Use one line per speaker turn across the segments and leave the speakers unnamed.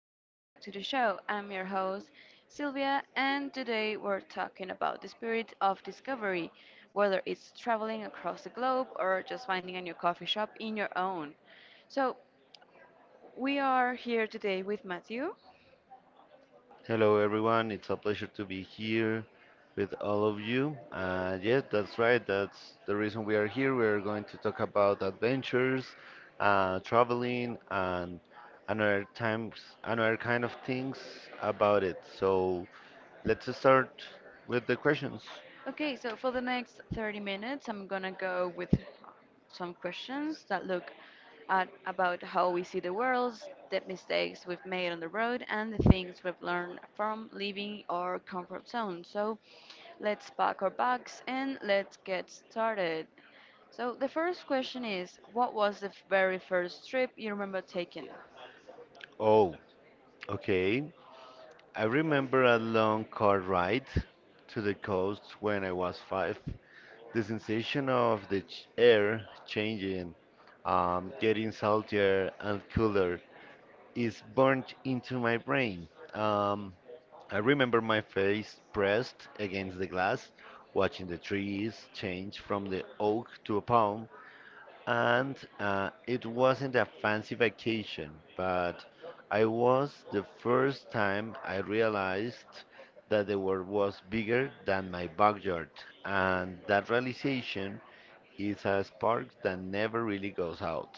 welcome back to the show. I'm your host, Sylvia, and today we're talking about the spirit of discovery, whether it's traveling across the globe or just finding a new coffee shop in your own. So, we are here today with Matthew.
Hello, everyone. It's a pleasure to be here with all of you. Yes, that's right. That's the reason we are here. We are going to talk about adventures, traveling, and another times, another kind of things about it. So let's start with the questions.
Okay, so for the next 30 minutes, I'm gonna go with some questions that look at about how we see the world, the mistakes we've made on the road, and the things we've learned from leaving our comfort zone. So let's pack our bags and let's get started. So the first question is, what was the very first trip you remember taking?
Oh, okay. I remember a long car ride to the coast when I was 5. The sensation of the air changing, getting saltier and cooler, is burnt into my brain. Um, I remember my face pressed against the glass, watching the trees change from the oak to a palm, and it wasn't a fancy vacation, but I was the first time I realized that the world was bigger than my backyard, and that realization is a spark that never really goes out.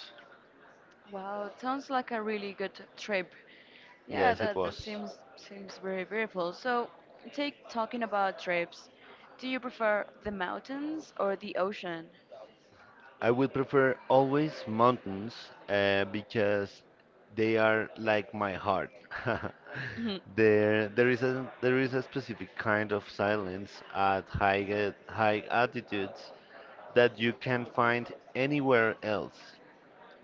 Wow, it sounds like a really good trip. Yeah,
Yes, it
that
was.
seems very beautiful. So, take talking about trips. Do you prefer the mountains or the ocean?
I would prefer always mountains because they are like my heart.
Mhm.
There is a specific kind of silence at high altitudes that you can find anywhere else.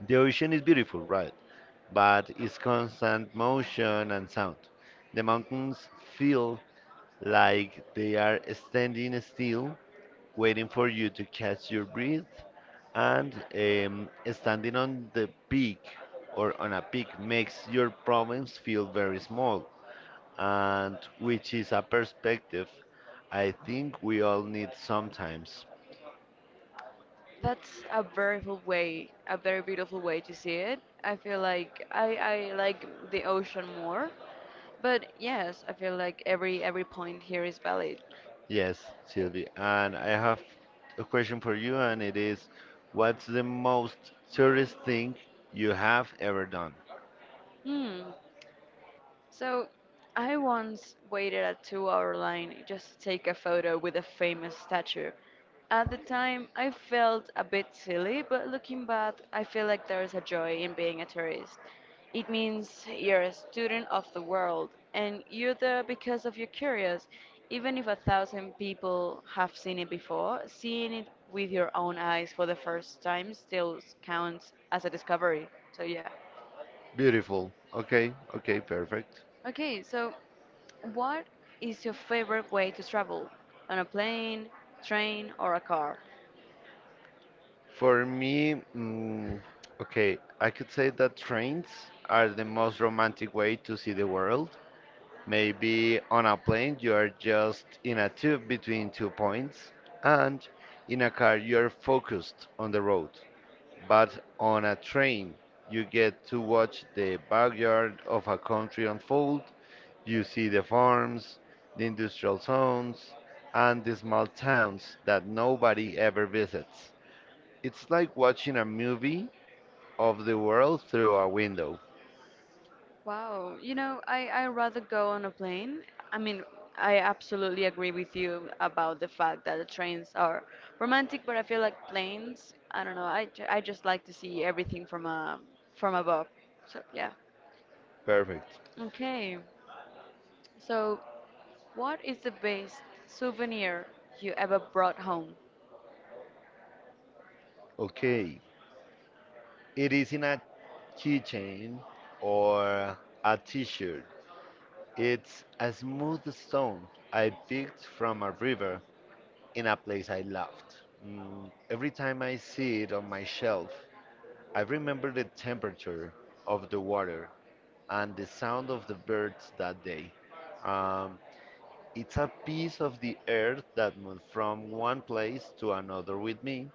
The ocean is beautiful, right? But it's constant motion and sound. The mountains feel like they are standing still, waiting for you to catch your breath. And standing on the peak or on a peak makes your problems feel very small. And which is a perspective I think we all need sometimes.
That's a very beautiful way, a very beautiful way to see it. I feel like I like the ocean more, but yes, I feel like every point here is valid.
Yes, Sylvie. And I have a question for you, and it is, what's the most serious thing you have ever done?
Hmm. So, I once waited a 2 hour line just to take a photo with a famous statue. At the time, I felt a bit silly, but looking back, I feel like there is a joy in being a tourist. It means you're a student of the world, and you're there because of your curious. Even if a thousand people have seen it before, seeing it with your own eyes for the first time still counts as a discovery. So, yeah.
Beautiful. Okay, okay, perfect.
Okay, so what is your favorite way to travel? On a plane, train, or a car?
For me, okay, I could say that trains are the most romantic way to see the world. Maybe on a plane, you are just in a tube between two points, and in a car, you are focused on the road. But on a train, you get to watch the backyard of a country unfold. You see the farms, the industrial zones, and the small towns that nobody ever visits. It's like watching a movie of the world through a window.
Wow, you know, I rather go on a plane. I mean, I absolutely agree with you about the fact that the trains are romantic, but I feel like planes, I don't know, I just like to see everything from from above. So, yeah.
Perfect.
Okay, so what is the best souvenir you ever brought home?
Okay, it is in a keychain or a t shirt. It's a smooth stone I picked from a river in a place I loved. Every time I see it on my shelf, I remember the temperature of the water and the sound of the birds that day. Um, it's a piece of the earth that moved from one place to another with me,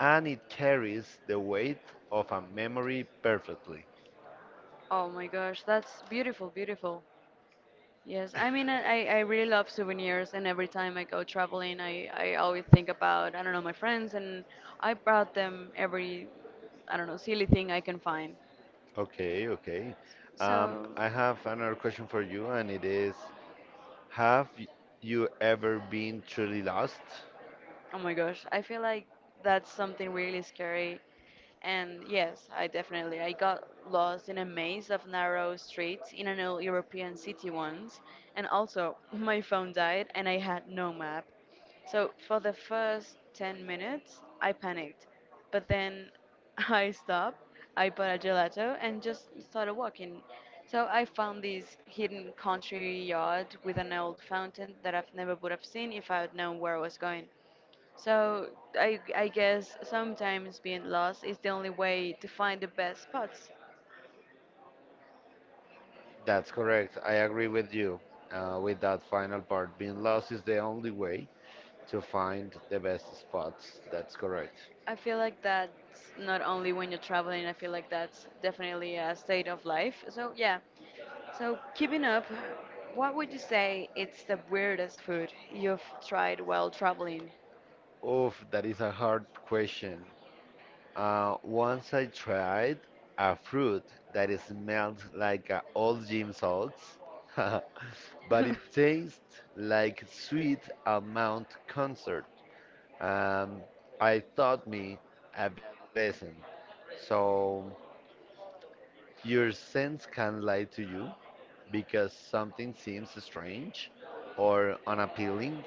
and it carries the weight of a memory perfectly.
Oh my gosh, that's beautiful, beautiful. Yes, I mean, I really love souvenirs, and every time I go traveling, I always think about, I don't know, my friends, and I brought them every, I don't know, silly thing I can find.
Okay, okay.
So,
I have another question for you, and it is, have you ever been truly lost?
oh my gosh, I feel like that's something really scary. And yes, I definitely I got lost in a maze of narrow streets in an old European city once, and also my phone died and I had no map. So for the first 10 minutes, I panicked. But then I stopped, I bought a gelato, and just started walking. So I found this hidden country yard with an old fountain that I've never would have seen if I had known where I was going. So I guess sometimes being lost is the only way to find the best spots.
That's correct. I agree with you with that final part. Being lost is the only way to find the best spots. That's correct.
I feel like that's not only when you're traveling, I feel like that's definitely a state of life. So yeah, so, keeping up, what would you say it's the weirdest food you've tried while traveling?
Oof, that is a hard question. Once I tried a fruit that smells like old gym socks, but it tastes like sweet almond concert. Um, I taught me a value lesson. So. Your sense can lie to you because something seems strange or unappealing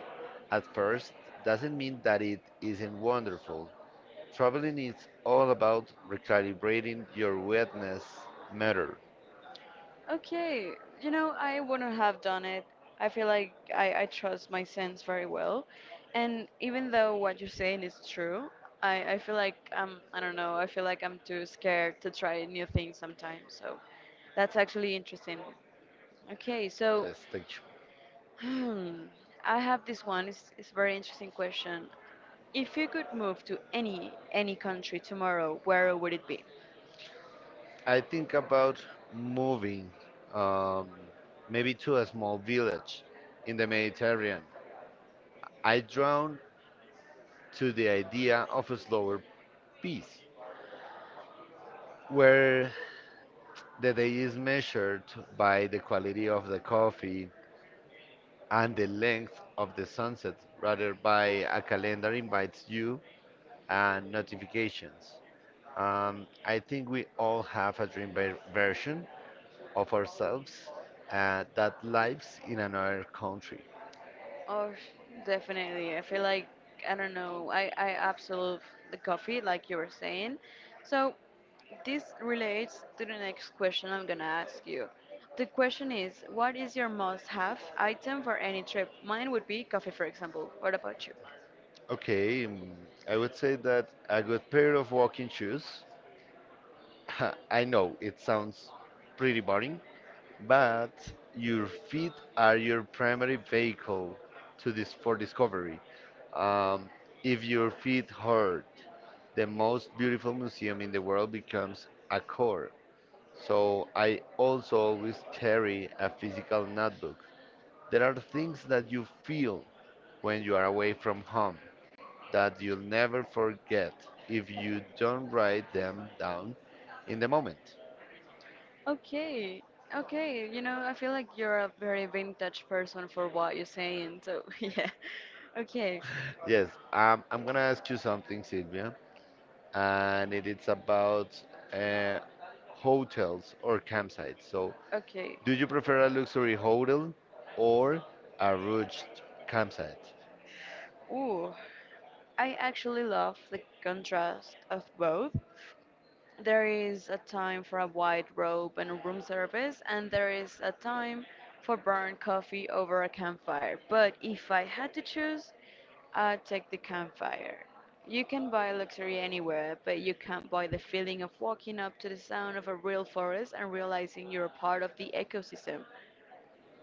at first doesn't mean that it isn't wonderful. Traveling is all about recalibrating your wetness matter
Okay, you know, I wouldn't have done it. I feel like I trust my sense very well. And even though what you're saying is true, I feel like I'm, I don't know, I feel like I'm too scared to try new things sometimes. So that's actually interesting. Okay, so
stage.
hmm. I have this one. It's a very interesting question. If you could move to any country tomorrow, where would it be?
I think about moving um, maybe to a small village in the Mediterranean. I drawn to the idea of a slower peace where the day is measured by the quality of the coffee and the length of the sunset, rather by a calendar invites you and notifications. I think we all have a dream version of ourselves that lives in another country.
Oh, definitely. I feel like I don't know. I absolutely the coffee, like you were saying. So this relates to the next question I'm gonna ask you. The question is, what is your must-have item for any trip? Mine would be coffee, for example. What about you?
Okay, I would say that a good pair of walking shoes. I know it sounds pretty boring, but your feet are your primary vehicle to this for discovery. Um, if your feet hurt, the most beautiful museum in the world becomes a core. So I also always carry a physical notebook. There are things that you feel when you are away from home that you'll never forget if you don't write them down in the moment.
Okay, okay. You know, I feel like you're a very vintage person for what you're saying. So yeah. Okay,
Yes, I'm gonna ask you something, Sylvia. And it is about uh, hotels or campsites. So,
okay.
do you prefer a luxury hotel or a rushed campsite?
Ooh, I actually love the contrast of both. There is a time for a white robe and room service, and there is a time for burnt coffee over a campfire. But if I had to choose, I'd take the campfire. You can buy luxury anywhere, but you can't buy the feeling of walking up to the sound of a real forest and realizing you're a part of the ecosystem.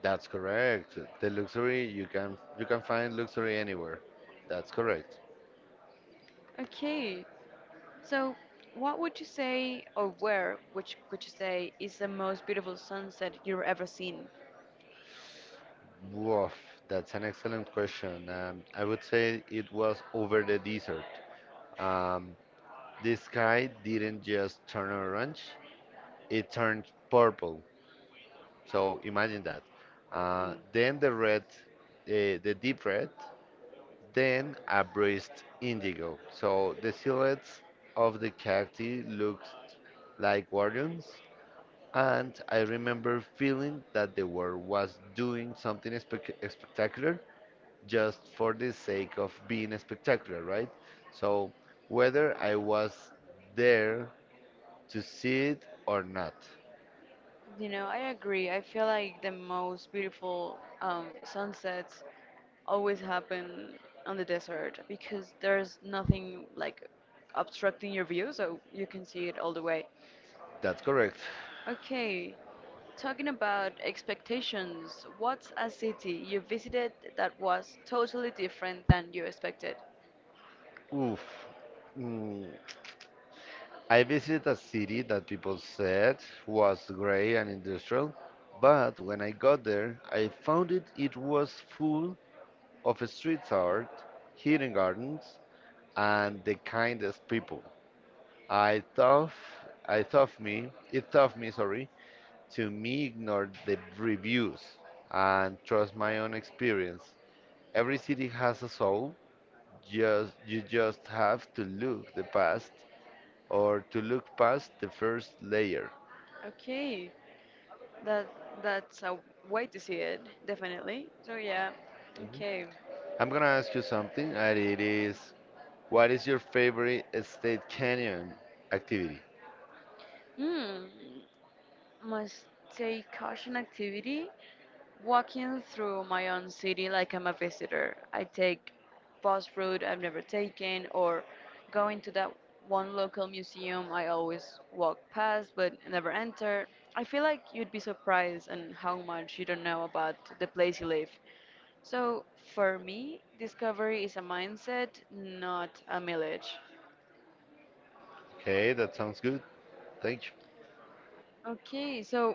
That's correct. The luxury you can find luxury anywhere. That's correct.
Okay, so what would you say, or where, which could you say, is the most beautiful sunset you've ever seen?
Woof, that's an excellent question. I would say it was over the desert. Um, the sky didn't just turn orange; it turned purple. So imagine that. Uh,
Mm.
then the red, the deep red, then a breast indigo. So the silhouettes of the cacti looked like guardians, and I remember feeling that the world was doing something spectacular just for the sake of being spectacular, right? So whether I was there to see it or not.
You know, I agree. I feel like the most beautiful sunsets always happen on the desert because there's nothing like obstructing your view, so you can see it all the way.
That's correct.
Okay, talking about expectations, what's a city you visited that was totally different than you expected?
Oof. Mm, I visited a city that people said was grey and industrial, but when I got there, I found it was full of street art, hidden gardens, and the kindest people. I thought, I thought me, it taught me, sorry, to me ignore the reviews and trust my own experience. Every city has a soul. Just You just have to look the past or to look past the first layer.
Okay, that that's a way to see it, definitely. So yeah, okay.
I'm gonna ask you something, and it is, what is your favorite state canyon activity?
Mm, must take caution activity. Walking through my own city like I'm a visitor. I take bus route I've never taken or going to that one local museum I always walk past but never enter. I feel like you'd be surprised on how much you don't know about the place you live. So for me, discovery is a mindset, not a mileage.
Okay, that sounds good. Thank
Okay, so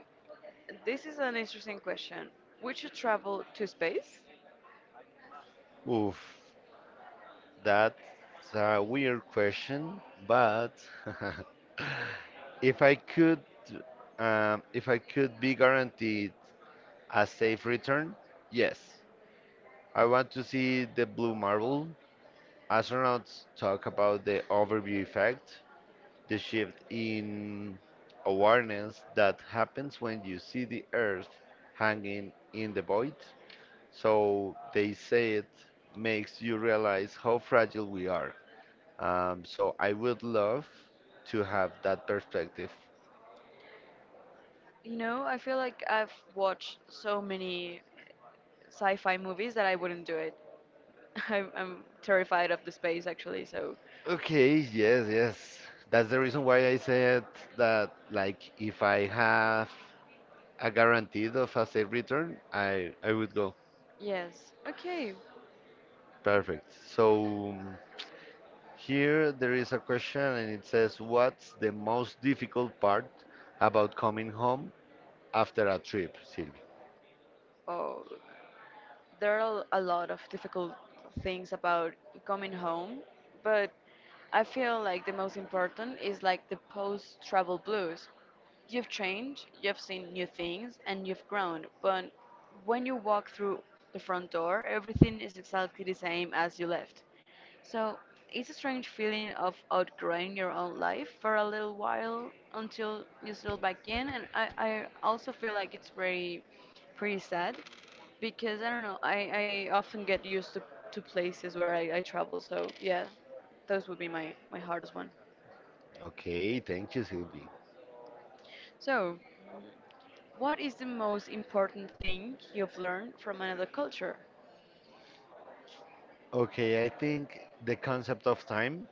this is an interesting question. Would you travel to space?
you. Oof, that's a weird question, but if I could, if I could be guaranteed a safe return, yes. I want to see the blue marble. Astronauts talk about the overview effect, the shift in awareness that happens when you see the earth hanging in the void, so they say it makes you realize how fragile we are. So I would love to have that perspective.
You know, I feel like I've watched so many sci-fi movies that I wouldn't do it. I'm terrified of the space actually, so
Okay, yes, yes. That's the reason why I said that, like, if I have a guaranteed of a safe return, I would go.
yes. Okay.
Perfect. So, here there is a question and it says, what's the most difficult part about coming home after a trip, Sylvie?
Oh, there are a lot of difficult things about coming home, but I feel like the most important is like the post travel blues. You've changed, you've seen new things, and you've grown, but when you walk through the front door, everything is exactly the same as you left. So it's a strange feeling of outgrowing your own life for a little while until you settle back in, and I also feel like it's very pretty sad because I don't know, I often get used to places where I travel, so yeah, those would be my, my hardest one.
Okay, thank you, Sylvie.
So, what is the most important thing you've learned from another culture?
Okay, I think the concept of time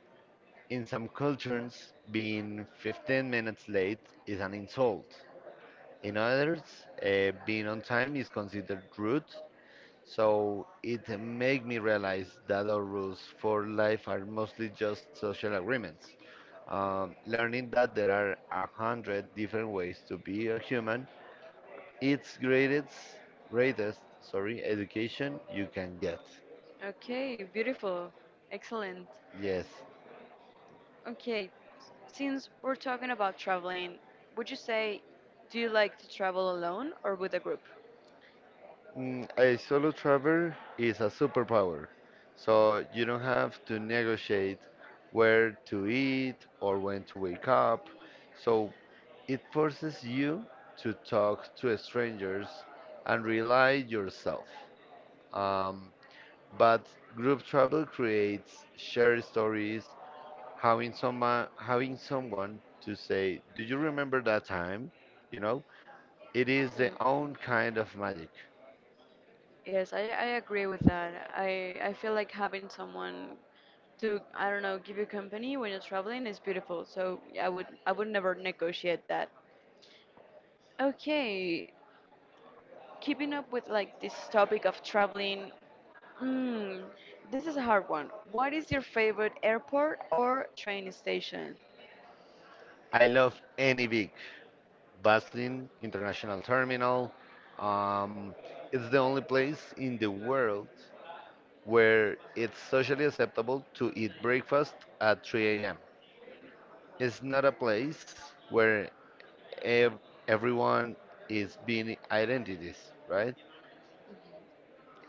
in some cultures, being 15 minutes late is an insult. In others, being on time is considered rude. So it made me realize that our rules for life are mostly just social agreements. Learning that there are 100 different ways to be a human, it's greatest, greatest, sorry, education you can get.
Okay, beautiful, excellent.
Yes,
Okay, since we're talking about traveling, would you say do you like to travel alone or with a group?
A solo traveler is a superpower, so you don't have to negotiate where to eat or when to wake up. So it forces you to talk to strangers and rely yourself. Um, but group travel creates shared stories. Having someone to say, "Do you remember that time?" You know, it is the
Mm.
own kind of magic.
Yes, I agree with that. I feel like having someone to, I don't know, give you company when you're traveling is beautiful. So yeah, I would never negotiate that. Okay, keeping up with like this topic of traveling, mm, this is a hard one. What is your favorite airport or train station?
I love any big Baslin International Terminal. Um, it's the only place in the world where it's socially acceptable to eat breakfast at 3 a.m. It's not a place where ev- everyone is being identities, right?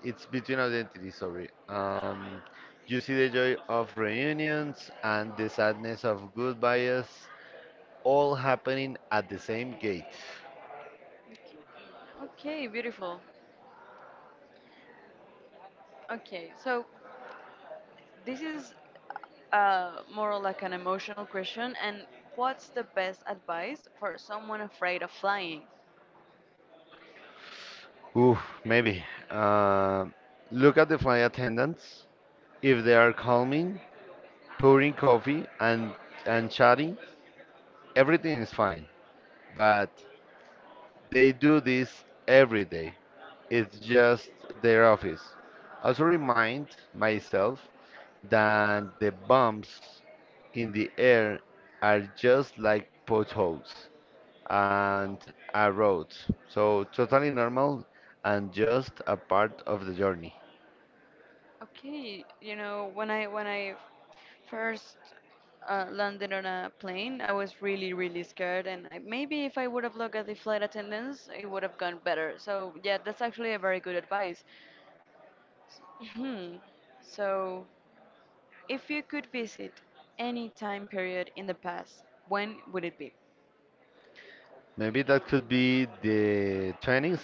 It's between identities, sorry. You see the joy of reunions and the sadness of goodbyes all happening at the same gate.
Okay, beautiful. Okay, so this is more like an emotional question. And what's the best advice for someone afraid of flying?
Oof, maybe. Uh, look at the flight attendants. If they are calming, pouring coffee, and chatting, everything is fine. But they do this every day. It's just their office. Also remind myself that the bumps in the air are just like potholes and a road. So totally normal and just a part of the journey.
Okay, you know, when I first landed on a plane, I was really really scared, and I, maybe if I would have looked at the flight attendants, it would have gone better. So yeah, that's actually a very good advice. Hmm. So, if you could visit any time period in the past, when would it be?
Maybe that could be the 20s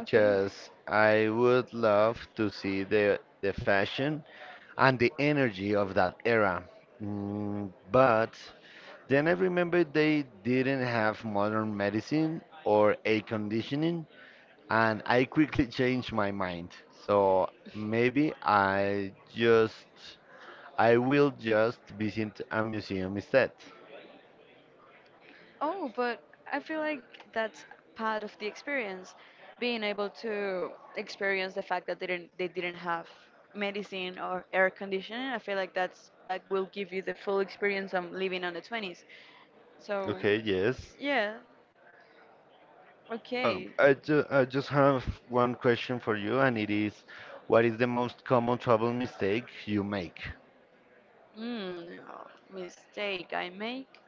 Okay.
I would love to see the fashion and the energy of that era. But then I remember they didn't have modern medicine or air conditioning, and I quickly changed my mind. So maybe I will just visit a museum instead.
Oh, but I feel like that's part of the experience, being able to experience the fact that they didn't have medicine or air conditioning. I feel like that will give you the full experience of living on the 20s. So,
Okay, yes.
yeah, okay.
I just have one question for you, and it is, what is the most common travel mistake you make?
Mm, mistake I make.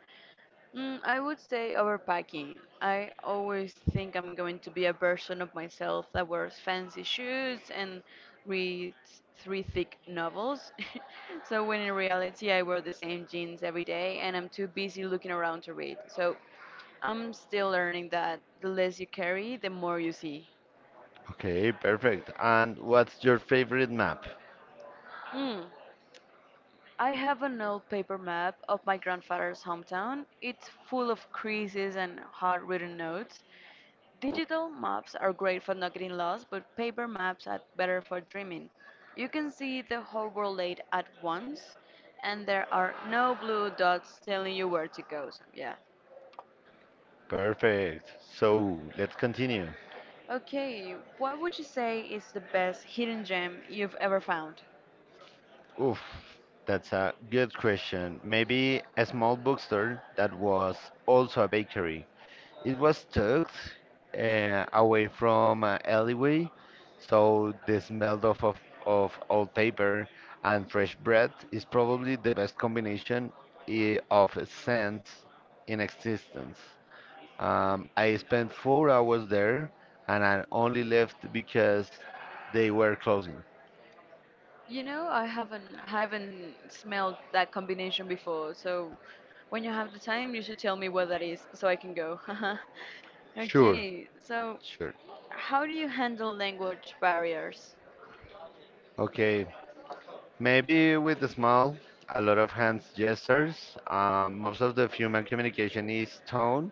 Mm, I would say overpacking. I always think I'm going to be a version of myself that wears fancy shoes and reads three thick novels. So when in reality I wear the same jeans every day and I'm too busy looking around to read. So I'm still learning that the less you carry, the more you see.
Okay, perfect. And what's your favorite map?
Hmm. I have an old paper map of my grandfather's hometown. It's full of creases and hard-written notes. Digital maps are great for not getting lost, but paper maps are better for dreaming. You can see the whole world laid at once, and there are no blue dots telling you where to go. So, yeah.
Perfect. So let's continue.
Okay, what would you say is the best hidden gem you've ever found?
Oof, that's a good question. Maybe a small bookstore that was also a bakery. It was tucked away from an alleyway, so the smell of old paper and fresh bread is probably the best combination of scents in existence. I spent 4 hours there and I only left because they were closing.
You know, I haven't smelled that combination before, so when you have the time, you should tell me what that is so I can go.
Sure,
Okay, so
sure.
how do you handle language barriers?
Okay, maybe with the smile, a lot of hands gestures. Most of the human communication is tone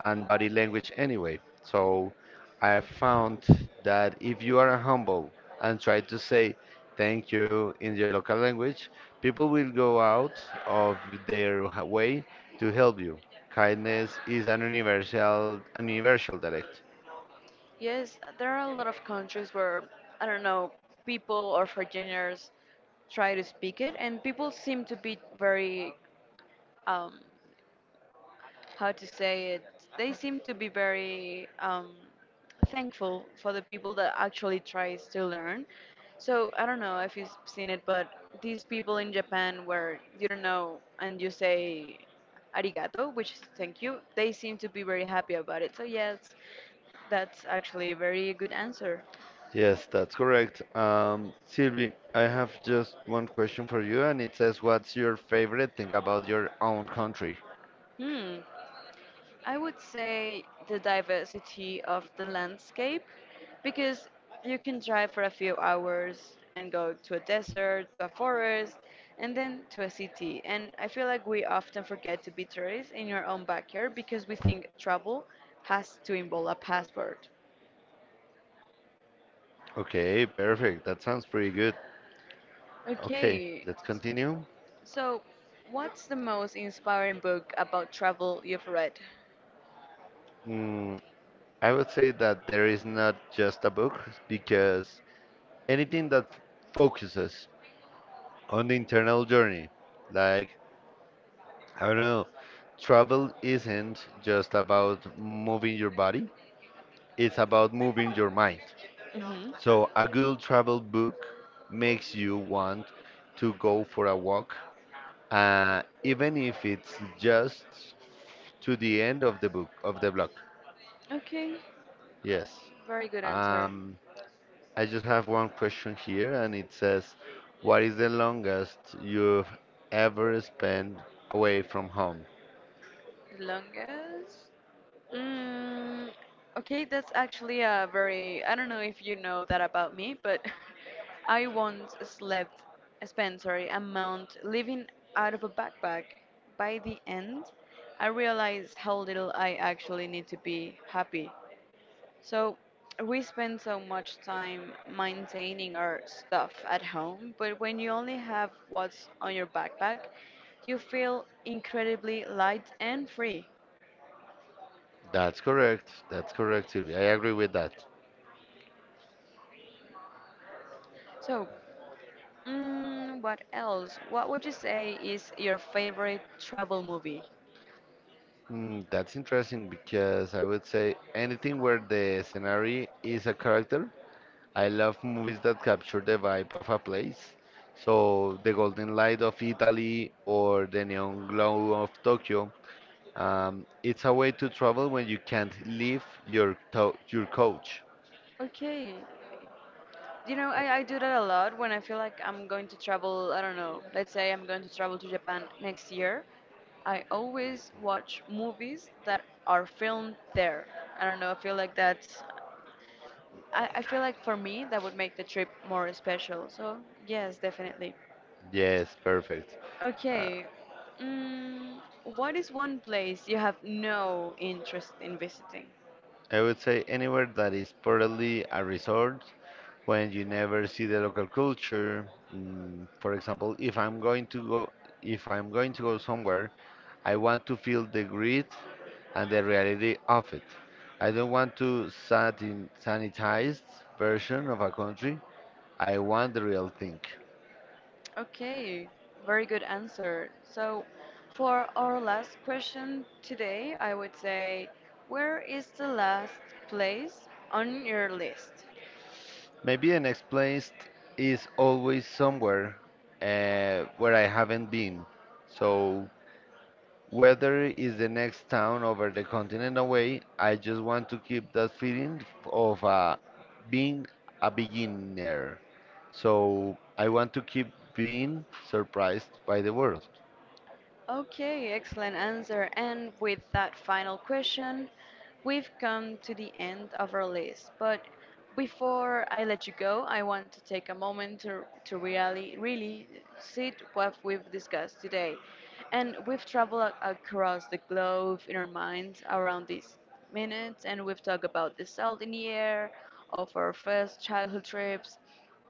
and body language anyway. So I found that if you are humble and try to say thank you in your local language, people will go out of their way to help you. Kindness is an universal direct.
Yes, there are a lot of countries where, I don't know, people or foreigners try to speak it, and people seem to be very um, how to say it, they seem to be very thankful for the people that actually tries to learn. So I don't know if you've seen it, but these people in Japan where you don't know and you say arigato, which is thank you, they seem to be very happy about it. So yes, that's actually a very good answer.
Yes, that's correct. Sylvie, I have just one question for you, and it says, what's your favorite thing about your own country?
Hmm. I would say the diversity of the landscape because you can drive for a few hours and go to a desert, to a forest, and then to a city. And I feel like we often forget to be tourists in your own backyard because we think travel has to involve a passport.
Okay, perfect. That sounds pretty good. Okay,
Okay,
let's continue.
so what's the most inspiring book about travel you've read?
Mm, I would say that there is not just a book because anything that focuses on the internal journey, like, I don't know, travel isn't just about moving your body, it's about moving your mind.
hmm
So a good travel book makes you want to go for a walk, even if it's just to the end of the book of the block.
Okay,
Yes.
very good answer.
Um, I just have one question here, and it says, "What is the longest you've ever spent away from home?"
The longest? Mm, okay, that's actually a very. I don't know if you know that about me, but I once slept, spent, sorry, a month living out of a backpack. By the end, I realized how little I actually need to be happy. So we spend so much time maintaining our stuff at home, but when you only have what's on your backpack, you feel incredibly light and free.
That's correct. That's correct, Sylvia. I agree with that.
So, what else? What would you say is your favorite travel movie?
That's interesting because I would say anything where the scenery is a character. I love movies that capture the vibe of a place. So the golden light of Italy or the neon glow of Tokyo. It's a way to travel when you can't leave your to your couch.
Okay. I do that a lot when I feel like I'm going to travel. I don't know. Let's say I'm going to travel to Japan next year. I always watch movies that are filmed there. I don't know. I feel like that's. I feel like for me, that would make the trip more special. So, yes, definitely.
Yes, perfect. Uh,
Okay. Mm, what is one place you have no interest in visiting?
I would say anywhere that is purely a resort when you never see the local culture. For example, if I'm going to go if I'm going to go somewhere, I want to feel the grit and the reality of it. I don't want to satin sanitized version of a country. I want the real thing.
Okay, very good answer. So, for our last question today, I would say, where is the last place on your list?
Maybe the next place is always somewhere where I haven't been. So whether it's the next town over the continent away, I just want to keep that feeling of being a beginner. So I want to keep being surprised by the world.
Okay, excellent answer. And with that final question, we've come to the end of our list. But before I let you go, I want to take a moment to really, really sit what we've discussed today. And we've traveled across the globe in our minds around these minutes, and we've talked about the salt in the air, of our first childhood trips,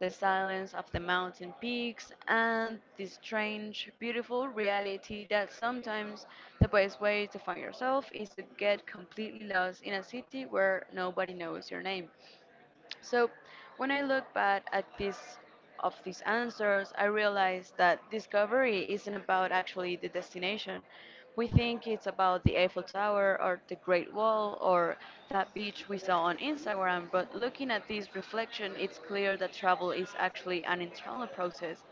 the silence of the mountain peaks, and the strange, beautiful reality that sometimes the best way to find yourself is to get completely lost in a city where nobody knows your name. So when I look back at this of these answers, I realize that discovery isn't about actually the destination. We think it's about the Eiffel Tower or the Great Wall or that beach we saw on Instagram, but looking at this reflection, it's clear that travel is actually an internal process.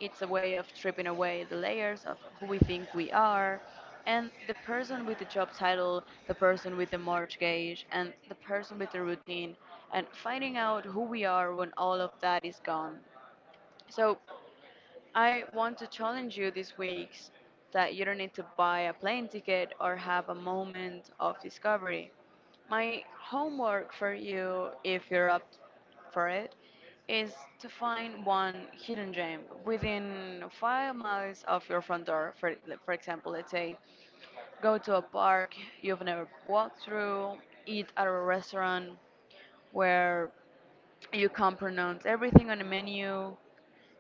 It's a way of stripping away the layers of who we think we are. And the person with the job title, the person with the mortgage, and the person with the routine and finding out who we are when all of that is gone. So, I want to challenge you this week that you don't need to buy a plane ticket or have a moment of discovery. My homework for you, if you're up for it, is to find one hidden gem within 5 miles of your front door. For example, let's say go to a park you've never walked through, eat at a restaurant where you can't pronounce everything on the menu,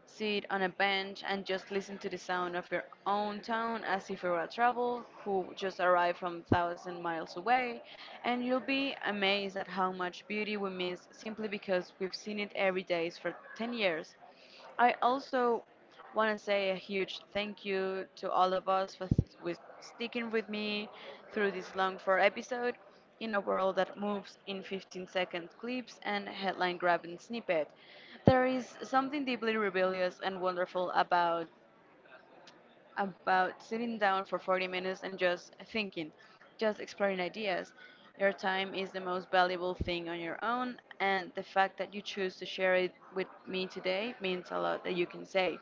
sit on a bench and just listen to the sound of your own town as if you were a travel who just arrived from 1,000 miles away, and you'll be amazed at how much beauty we miss simply because we've seen it every day for 10 years. I also want to say a huge thank you to all of us for with sticking with me through this long four episode in a world that moves in 15-second clips and headline grabbing snippet. There is something deeply rebellious and wonderful about sitting down for 40 minutes and just thinking, just exploring ideas. Your time is the most valuable thing on your own, and the fact that you choose to share it with me today means a lot that you can say.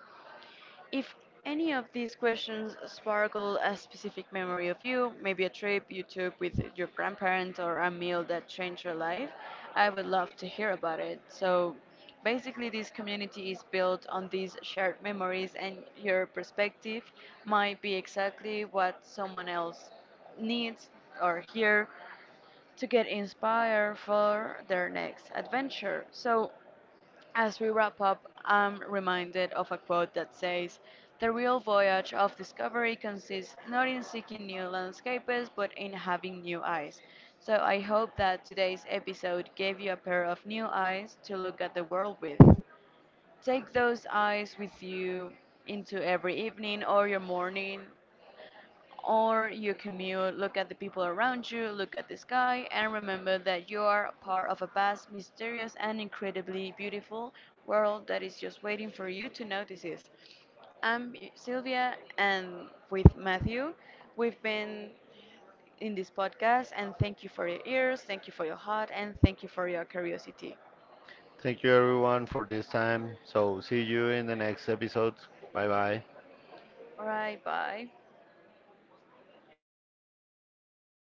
If any of these questions sparkle a specific memory of you, maybe a trip you took with your grandparents or a meal that changed your life, I would love to hear about it. So basically, this community is built on these shared memories, and your perspective might be exactly what someone else needs or here to get inspired for their next adventure. So as we wrap up, I'm reminded of a quote that says, the real voyage of discovery consists not in seeking new landscapes, but in having new eyes. So I hope that today's episode gave you a pair of new eyes to look at the world with. Take those eyes with you into every evening or your morning or your commute, look at the people around you, look at the sky, and remember that you are part of a vast, mysterious, and incredibly beautiful world that is just waiting for you to notice it. I'm Sylvia, and with Matthew, we've been in this podcast, and thank you for your ears, thank you for your heart, and thank you for your curiosity.
Thank you everyone for this time. So see you in the next episode. Bye bye.
All right, bye.